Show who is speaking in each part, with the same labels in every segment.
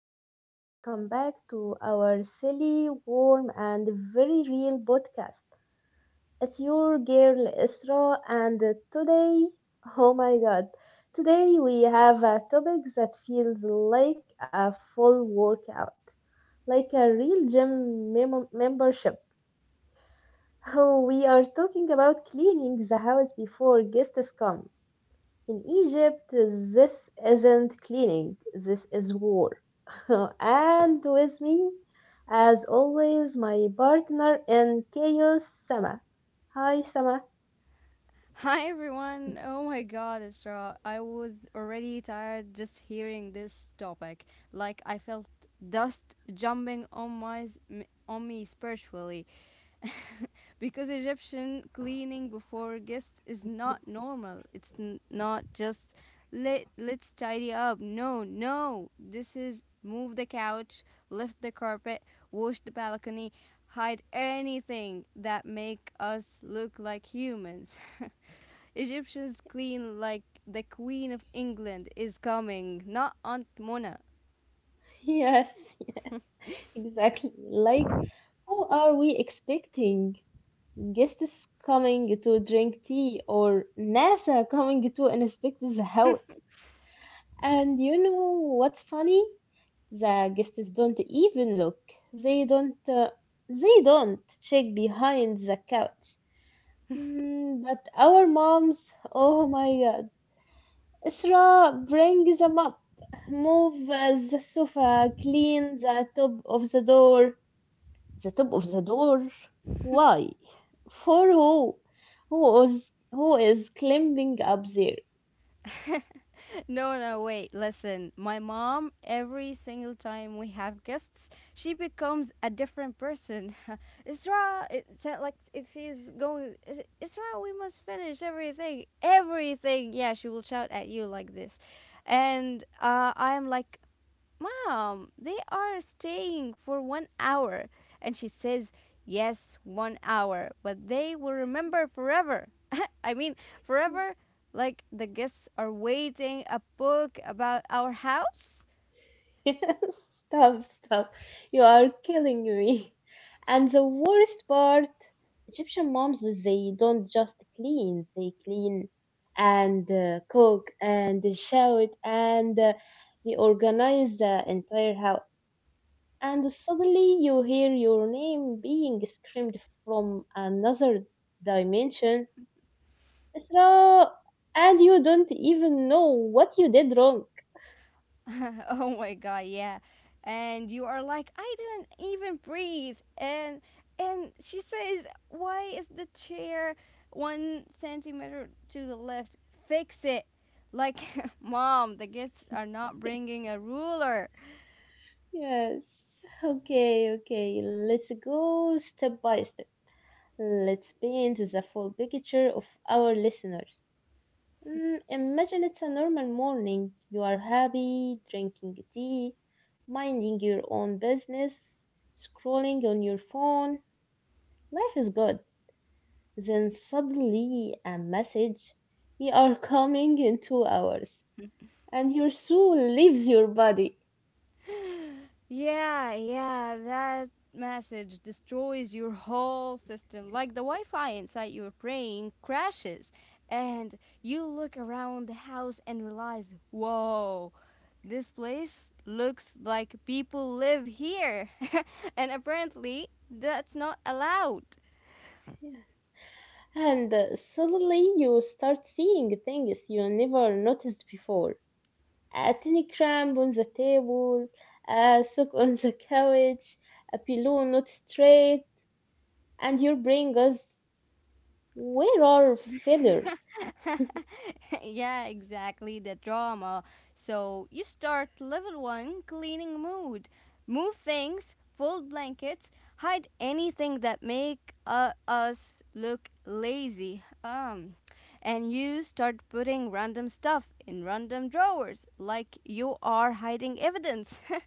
Speaker 1: everyone, welcome back to our silly, warm, and very real podcast. It's your girl Isra, and today, oh my god, today we have a topic that feels like a full workout, like a real membership. Oh, we are talking about cleaning the house before guests come. In Egypt, this isn't cleaning, this is war. And with me, as always, my partner in chaos, Sama. Hi, Sama.
Speaker 2: Hi everyone. Oh my god, Isra. I was already tired just hearing this topic. Like I felt dust jumping on my s- m- on me spiritually because Egyptian cleaning before guests is not normal. It's not just let's tidy up. No, no. This is move the couch, lift the carpet, wash the balcony, hide anything that make us look like humans. Egyptians clean like the Queen of England is coming, not Aunt Mona.
Speaker 1: Yes, exactly. Like, who are we expecting? Guests coming to drink tea or NASA coming to inspect the house? And you know what's funny? The guests don't even look. They don't. They don't check behind the couch. Mm, but our moms. Oh my God. Isra, bring them up. Move the sofa. Clean the top of the door. The top of the door. Why? For who? Who is who is climbing up there?
Speaker 2: No, no, wait, listen. My mom, every single time we have guests, she becomes a different person. Isra, it's not like it, she's going, Isra, we must finish everything. Everything." Yeah, she will shout at you like this. And I am like, "Mom, they are staying for 1 hour." And she says, "Yes, 1 hour, but they will remember forever." I mean, forever, like the guests are waiting a book about our house?
Speaker 1: Stop, stop. You are killing me. And the worst part, Egyptian moms, they don't just clean, they clean and cook and shout and they organize the entire house. And suddenly you hear your name being screamed from another dimension. Isra! And you don't even know what you did wrong.
Speaker 2: Oh my god, yeah. And you are like, "I didn't even breathe." And she says, "Why is the chair 1 centimeter to the left? Fix it." Like, mom, the kids are not bringing a ruler.
Speaker 1: Yes. Okay, okay. Let's go step by step. Let's paint the full picture of our listeners. Mm, imagine it's a normal morning. You are happy, drinking tea, minding your own business, scrolling on your phone. Life is good. Then suddenly a message. We are coming in 2 hours, and your soul leaves your body.
Speaker 2: Yeah, yeah, that message destroys your whole system. Like the Wi Fi inside your brain crashes, and you look around the house and realize, whoa, this place looks like people live here. And apparently, that's not allowed.
Speaker 1: And suddenly you start seeing things you never noticed before. A tiny cramp on the table, a sock on the couch, a pillow not straight, and your brain goes, "Where are failures?"
Speaker 2: Yeah, exactly, the drama. So you start level one cleaning mood. Move things, fold blankets, hide anything that make us look lazy. And you start putting random stuff in random drawers, like you are hiding evidence.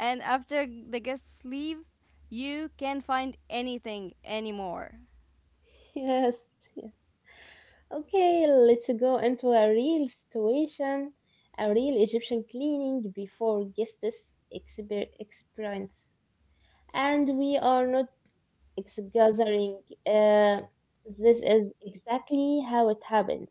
Speaker 2: And after the guests leave, you can't find anything anymore.
Speaker 1: Yes, yes. Okay, let's go into a real situation, a real Egyptian cleaning before guests experience. And we are not, it's gathering. Uh, this is exactly how it happens.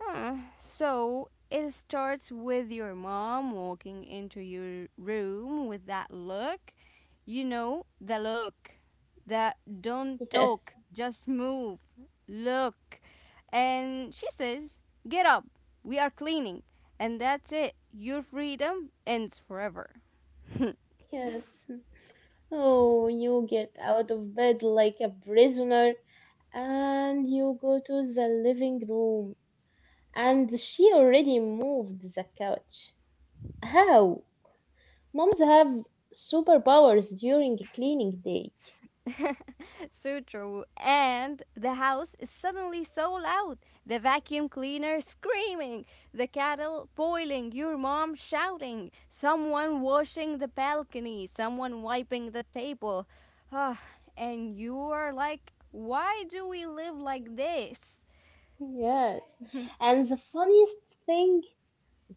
Speaker 2: So it starts with your mom walking into your room with that look. You know, the look. That don't talk, just move. Look. And she says, "Get up. We are cleaning." And that's it. Your freedom ends forever.
Speaker 1: Yes, yes. Oh, you get out of bed like a prisoner and you go to the living room. And she already moved the couch. How? Moms have superpowers during cleaning day.
Speaker 2: So true. And the house is suddenly so loud. The vacuum cleaner screaming, the kettle boiling, your mom shouting, someone washing the balcony, someone wiping the table. Ah, and you are like, why do we live like this?
Speaker 1: Yes. And the funniest thing,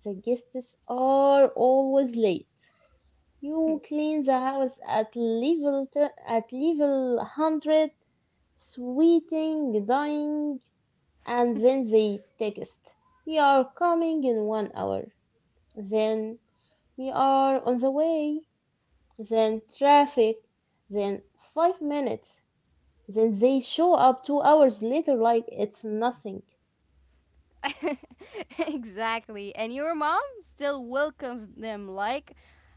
Speaker 1: the guests are always late. You clean the house at level 100, sweating, dying, and then they text. We are coming in 1 hour. Then we are on the way. Then traffic. Then 5 minutes. Then they show up 2 hours later like it's nothing.
Speaker 2: Exactly. And your mom still welcomes them like,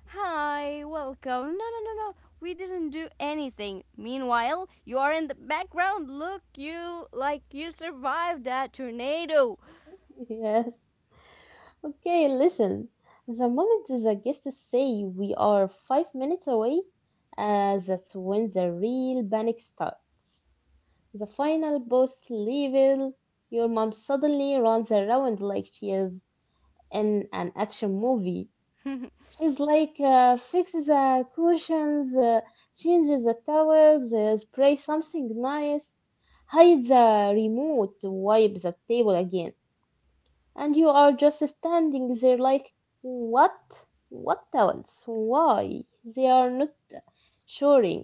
Speaker 2: "Hi, welcome. No, no, no, no. We didn't do anything." Meanwhile, you are in the background. Look, you like you survived that tornado.
Speaker 1: Yes. Okay, listen. The moment the guests say we are 5 minutes away, that's when the real panic starts. The final boss level, your mom suddenly runs around like she is in an action movie. She's like, fixes the cushions, changes the towels, spray something nice, hides the remote, wipe the table again, and you are just standing there like, what? What else? Why? They are not showering.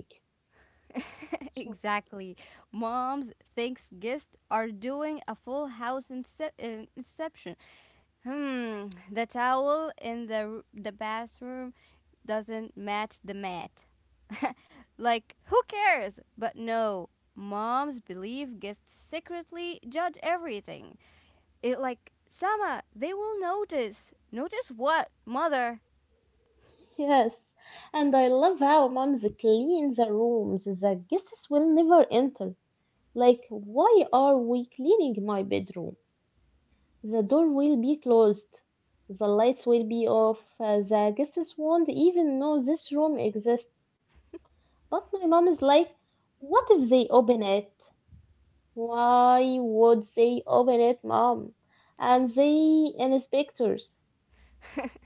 Speaker 1: So,
Speaker 2: Exactly. Moms thinks guests are doing a full house inception. Hmm, the towel in the bathroom doesn't match the mat. Like, who cares? But no, mom's belief gets secretly judge everything. It like Sama, they will notice. Notice what, mother?
Speaker 1: yes, and I love how moms clean the rooms the guests will never enter. Like, why are we cleaning my bedroom? The door will be closed. The lights will be off. The guests won't even know this room exists. But my mom is like, what if they open it? Why would they open it, mom? And the inspectors.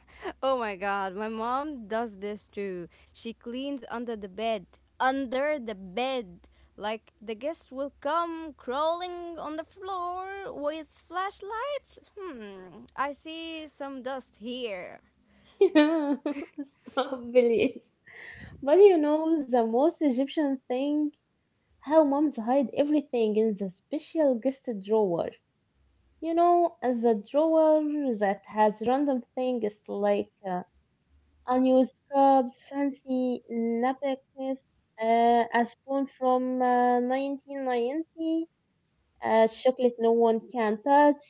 Speaker 2: Oh my god, my mom does this too. She cleans under the bed. Under the bed. Like the guests will come crawling on the floor with flashlights. Hmm, I see some dust here.
Speaker 1: Stop, please. But you know the most Egyptian thing? How moms hide everything in the special guest drawer. You know, as a drawer that has random things like unused cups, fancy napkins, a spoon from 1990, a chocolate no one can touch,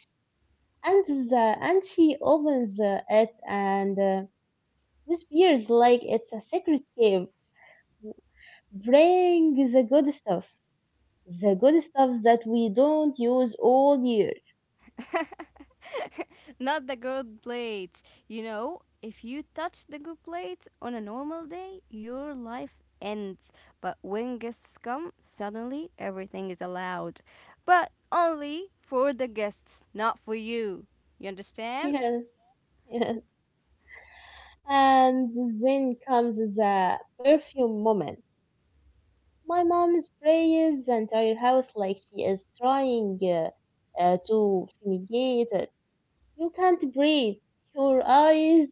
Speaker 1: and she opens it and whispers like it's a secret cave. Bring the good stuff that we don't use all year.
Speaker 2: Not the gold plates. You know, if you touch the gold plates on a normal day, your life ends. But when guests come, suddenly everything is allowed. But only for the guests, not for you. You understand?
Speaker 1: Yes, yes. And then comes the perfume moment. My mom sprays the entire house like she is trying to fumigate it. You can't breathe. Your eyes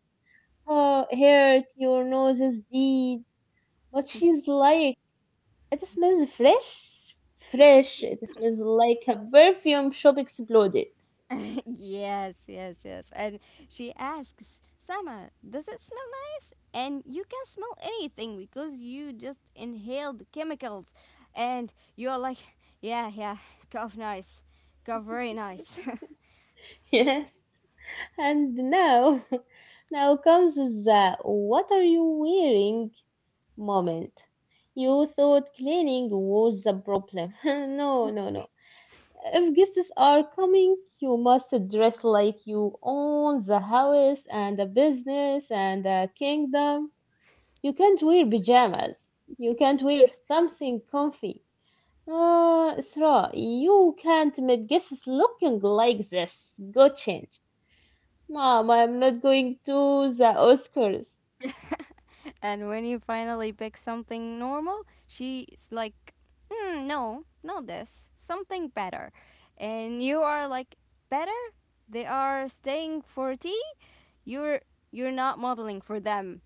Speaker 1: hurt. Your nose is deep. But she's like, it smells fresh, fresh. It smells like a perfume shop exploded.
Speaker 2: Yes, yes, yes. And she asks, "Sama, does it smell nice?" And you can smell anything because you just inhaled chemicals. And you're like, yeah, yeah, cough nice. Cough very nice.
Speaker 1: Yes. And now, now comes the what are you wearing moment. You thought cleaning was the problem. No, no, no. If guests are coming, you must dress like you own the house and the business and the kingdom. You can't wear pajamas. You can't wear something comfy. Isra, you can't make guesses looking like this. Go change. Mom, I'm not going to the Oscars.
Speaker 2: And when you finally pick something normal, she's like, mm, no, not this. Something better. And you are like, "Better? They are staying for tea? You're you're not modeling for them."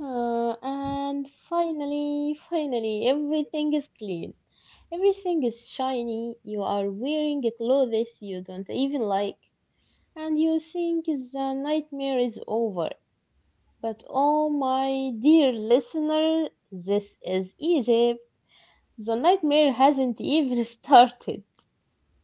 Speaker 1: And finally, finally, everything is clean. Everything is shiny. You are wearing clothes you don't even like. And you think the nightmare is over. But oh my dear listener, this is Egypt. The nightmare hasn't even started.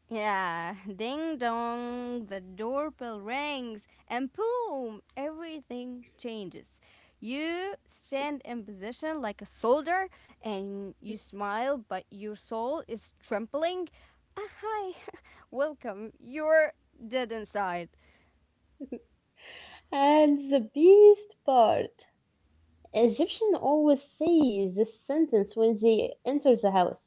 Speaker 2: Yeah, ding dong, the doorbell rings, and boom, everything changes. You stand in position like a soldier and you smile, but your soul is trembling. Ah, hi, welcome, you're dead inside.
Speaker 1: And the best part, Egyptians always say this sentence when they enter the house.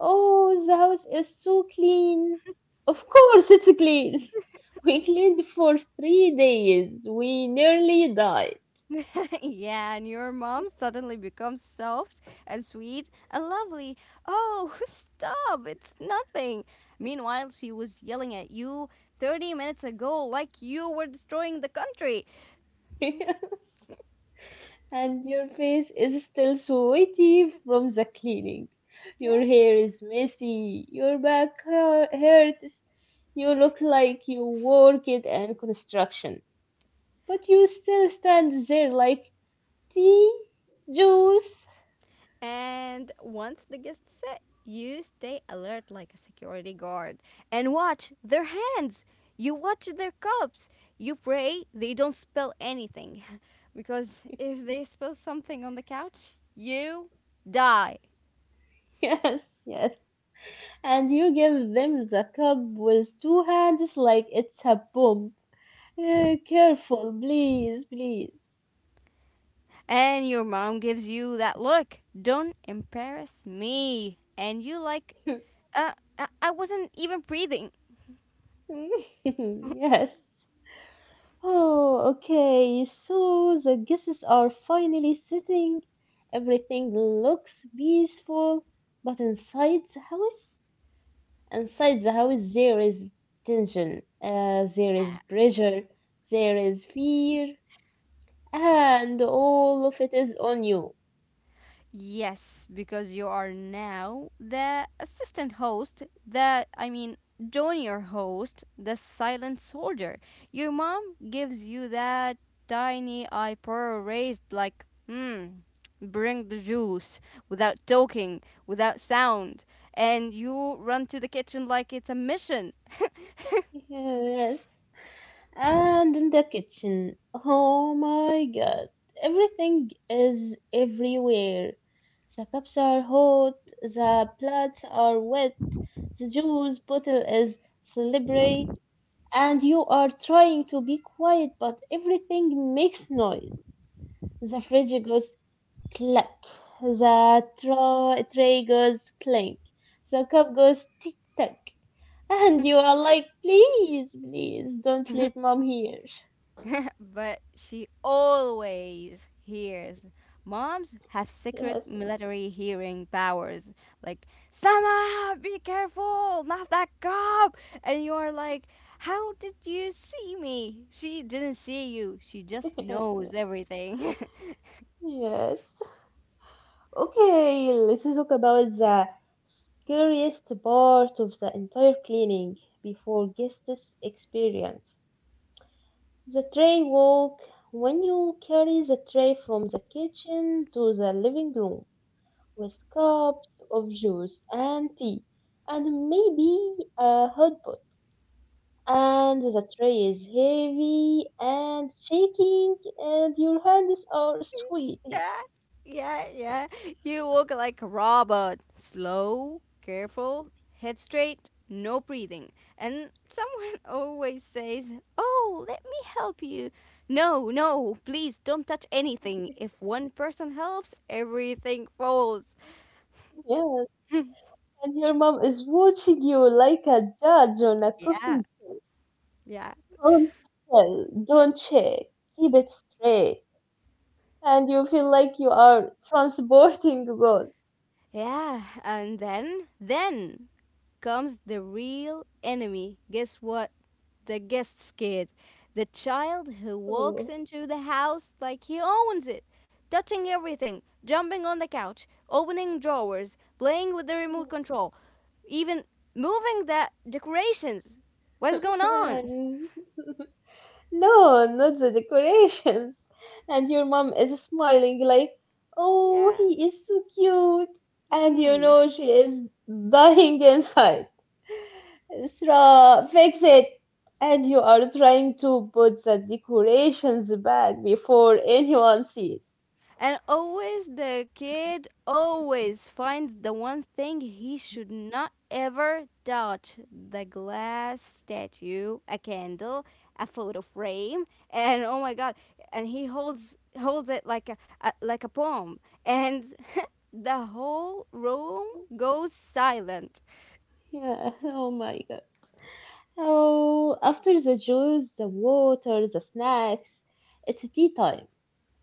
Speaker 1: Oh, the house is so clean. Of course it's clean. We cleaned for 3 days. We nearly died.
Speaker 2: Yeah, and your mom suddenly becomes soft and sweet and lovely. Oh, stop, it's nothing. Meanwhile, she was yelling at you 30 minutes ago like you were destroying the country.
Speaker 1: And your face is still sweaty from the cleaning.
Speaker 2: Yeah.
Speaker 1: Your hair is messy. Your back hurts. You look like you worked in construction. But you still stand there like, tea, juice.
Speaker 2: And once the guests sit, you stay alert like a security guard and watch their hands. You watch their cups. You pray they don't spill anything. Because if they spill something on the couch, you die.
Speaker 1: Yes, yes. And you give them the cup with two hands like it's a bomb. Eh, careful, please, please.
Speaker 2: And your mom gives you that look. "Don't embarrass me." And you like, uh, I wasn't even breathing.
Speaker 1: Yes. Oh, okay. So the guests are finally sitting. Everything looks peaceful, but inside the house, there is tension. There is pressure. There is fear. And all of it is on you.
Speaker 2: Yes, because you are now the assistant host, the, I mean, junior host, the silent soldier. Your mom gives you that tiny eyebrow raised, like, hmm, bring the juice, without talking, without sound. And you run to the kitchen like it's a mission.
Speaker 1: Yes. And in the kitchen. Oh my god. Everything is everywhere. The cups are hot, the plates are wet, the juice bottle is slippery, and you are trying to be quiet, but everything makes noise. The fridge goes clack, the tray goes clink, the cup goes tick tack, and you are like, please, please don't let mom hear.
Speaker 2: But she always hears. Moms have secret
Speaker 1: Yes,
Speaker 2: military hearing powers. Like, "Sama, be careful, not that cop." And you're like, "How did you see me?" She didn't see you. She just knows everything.
Speaker 1: yes. Okay, let's talk about the scariest part of the entire cleaning before guests experience. The tray walk. When you carry the tray from the kitchen to the living room with cups of juice and tea and maybe a hot pot, and the tray is heavy and shaking, and your hands are sweating.
Speaker 2: Yeah, yeah, yeah. You walk like a robot. Slow, careful, head straight, no breathing. And someone always says, "Oh, let me help you." No, no, please don't touch anything. If one person helps, everything falls.
Speaker 1: Yes, and your mom is watching you like a judge on a cooking
Speaker 2: Yeah,
Speaker 1: show.
Speaker 2: yeah.
Speaker 1: Don't tell, don't check, keep it straight, and you feel like you are transporting God.
Speaker 2: Yeah, and then comes the real enemy. Guess what? The guest's kid. The child who walks
Speaker 1: Oh.
Speaker 2: into the house like he owns it, touching everything, jumping on the couch, opening drawers, playing with the remote control, even moving the decorations. What is going on?
Speaker 1: Man. No, not the decorations. And your mom is smiling like, oh,
Speaker 2: Yeah.
Speaker 1: he is so cute. And you
Speaker 2: Hmm.
Speaker 1: know she is dying inside. Isra, fix it. And you are trying to put the decorations back before anyone sees.
Speaker 2: And always the kid always finds the one thing he should not ever touch: the glass statue, a candle, a photo frame, and oh my god, and he holds it like a like a bomb and the whole room goes silent.
Speaker 1: Yeah, oh my god. Oh, after the juice, the water, the snacks, it's tea time.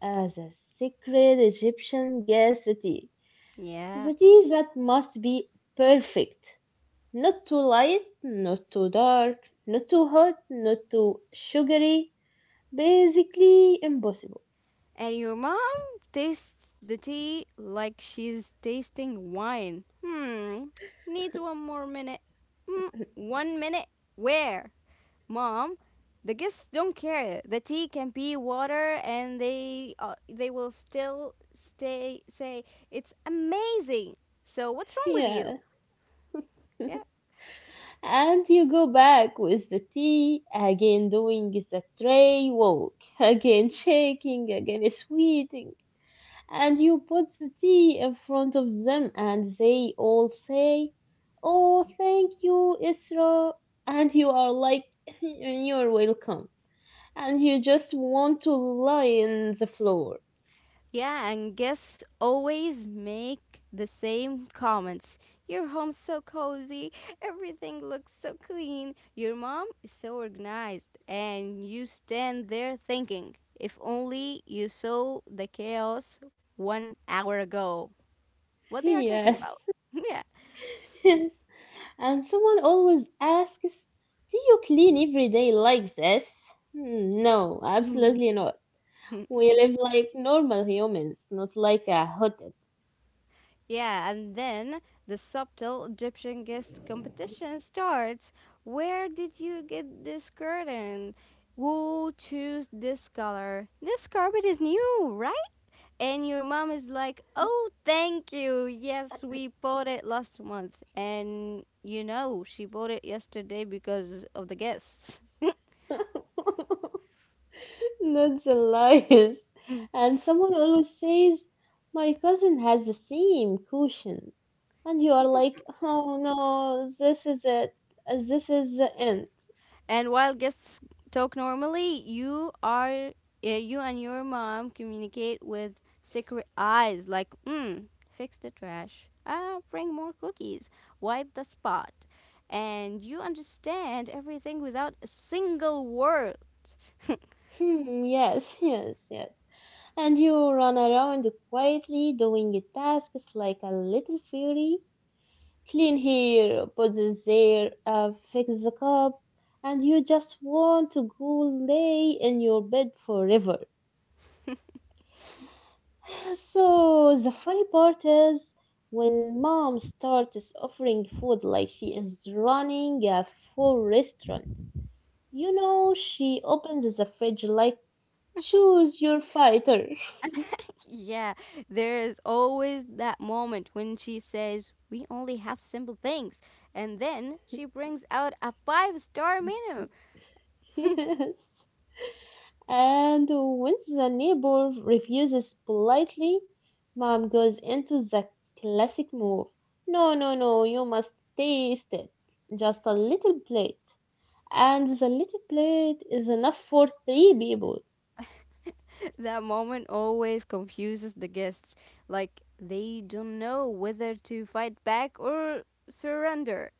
Speaker 1: The secret Egyptian guest tea.
Speaker 2: Yeah.
Speaker 1: The tea that must be perfect. Not too light, not too dark, not too hot, not too sugary. Basically impossible.
Speaker 2: And your mom tastes the tea like she's tasting wine. Hmm, needs 1 more minute. Hmm, 1 minute? Where? Mom, the guests don't care. The tea can be water and they will still stay say it's amazing. So what's wrong with
Speaker 1: Yeah.
Speaker 2: you? Yeah.
Speaker 1: And you go back with the tea, again doing the tray walk, again shaking, again sweating. And you put the tea in front of them and they all say, oh, thank you, Isra. And you are like, you're welcome. And you just want to lie in the floor.
Speaker 2: Yeah, and guests always make the same comments. Your home's so cozy, everything looks so clean, your mom is so organized, and you stand there thinking, if only you saw the chaos 1 hour ago. What they are talking
Speaker 1: Yes,
Speaker 2: about.
Speaker 1: yes. And someone always asks, do you clean every day like this? Hmm, no,
Speaker 2: Yeah.
Speaker 1: absolutely not. We live like normal humans, not like a hotel.
Speaker 2: Yeah, and then the subtle Egyptian guest competition starts. Where did you get this curtain? Who choose this color? This carpet is new, right? And your mom is like, "Oh, thank you. Yes, we bought it last month." And you know, she bought it yesterday because of the guests.
Speaker 1: Not the lies. And someone always says, my cousin has the same cushion. And you are like, oh no, this is it. This is the end.
Speaker 2: And while guests talk normally, you and your mom communicate with secret eyes like, mm, fix the trash, ah, bring more cookies, wipe the spot. And you understand everything without a single word.
Speaker 1: Hmm, yes, yes, yes. And you run around quietly doing your tasks like a little fairy. Clean here, put this there, fix the cup, and you just want to go lay in your bed forever. So the funny part is when mom starts offering food like she is running a full restaurant. You know, she opens the fridge like, choose your fighter.
Speaker 2: Yeah, there is always that moment when she says, "We only have simple things." And then she brings out a five-star menu.
Speaker 1: Yes. And when the neighbor refuses politely, mom goes into the classic move. No, no, no, you must taste it. Just a little plate. And the little plate is enough for three people.
Speaker 2: That moment always confuses the guests. Like, they don't know whether to fight back or surrender.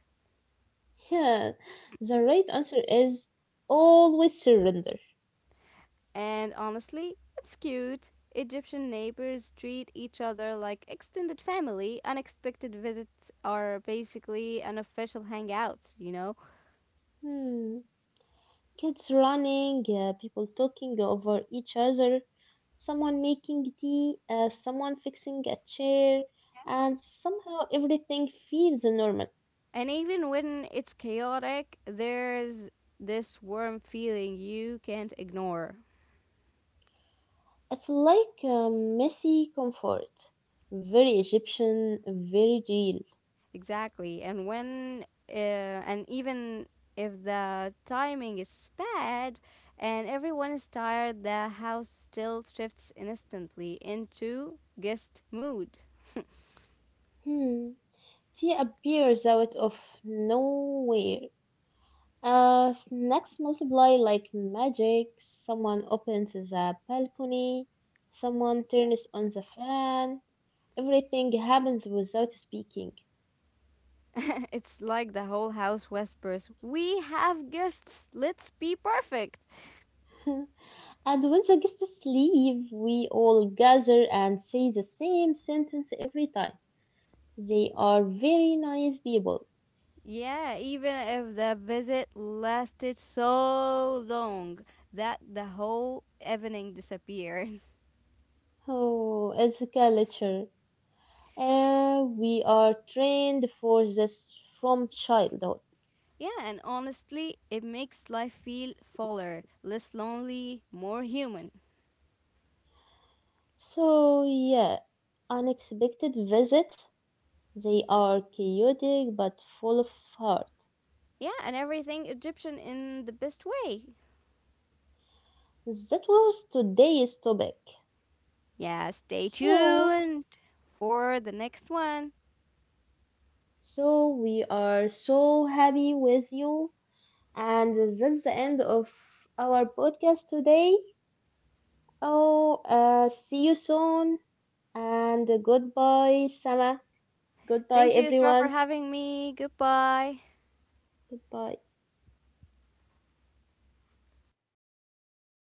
Speaker 1: Yeah, the right answer is always surrender.
Speaker 2: And honestly, it's cute. Egyptian neighbors treat each other like extended family. Unexpected visits are basically unofficial hangouts, you know?
Speaker 1: Hmm. Kids running, people talking over each other, someone making tea, someone fixing a chair, and somehow everything feels normal.
Speaker 2: And even when it's chaotic, there's this warm feeling you can't ignore.
Speaker 1: It's like a messy comfort. Very Egyptian, very real.
Speaker 2: Exactly. And even if the timing is bad and everyone is tired, the house still shifts instantly into guest mood.
Speaker 1: Hmm. Tea appears out of nowhere. Snacks multiply like magic. Someone opens the balcony. Someone turns on the fan. Everything happens without speaking.
Speaker 2: It's like the whole house whispers, "We have guests! Let's be perfect!"
Speaker 1: And when the guests leave, we all gather and say the same sentence every time. They are very nice people.
Speaker 2: Yeah, even if the visit lasted so long that the whole evening disappeared.
Speaker 1: Oh, it's a culture. We are trained for this from childhood.
Speaker 2: Yeah, and honestly, it makes life feel fuller, less lonely, more human.
Speaker 1: So, yeah, unexpected visits. They are chaotic but full of heart.
Speaker 2: Yeah, and everything Egyptian in the best way.
Speaker 1: That was today's topic.
Speaker 2: Yeah, stay
Speaker 1: So,
Speaker 2: tuned for the next one.
Speaker 1: So we are so happy with you, and that's the end of our podcast today. Oh, see you soon, and goodbye, Sama. Goodbye,
Speaker 2: Thank you, Isra, for
Speaker 1: everyone.
Speaker 2: having me. Goodbye.
Speaker 1: Goodbye.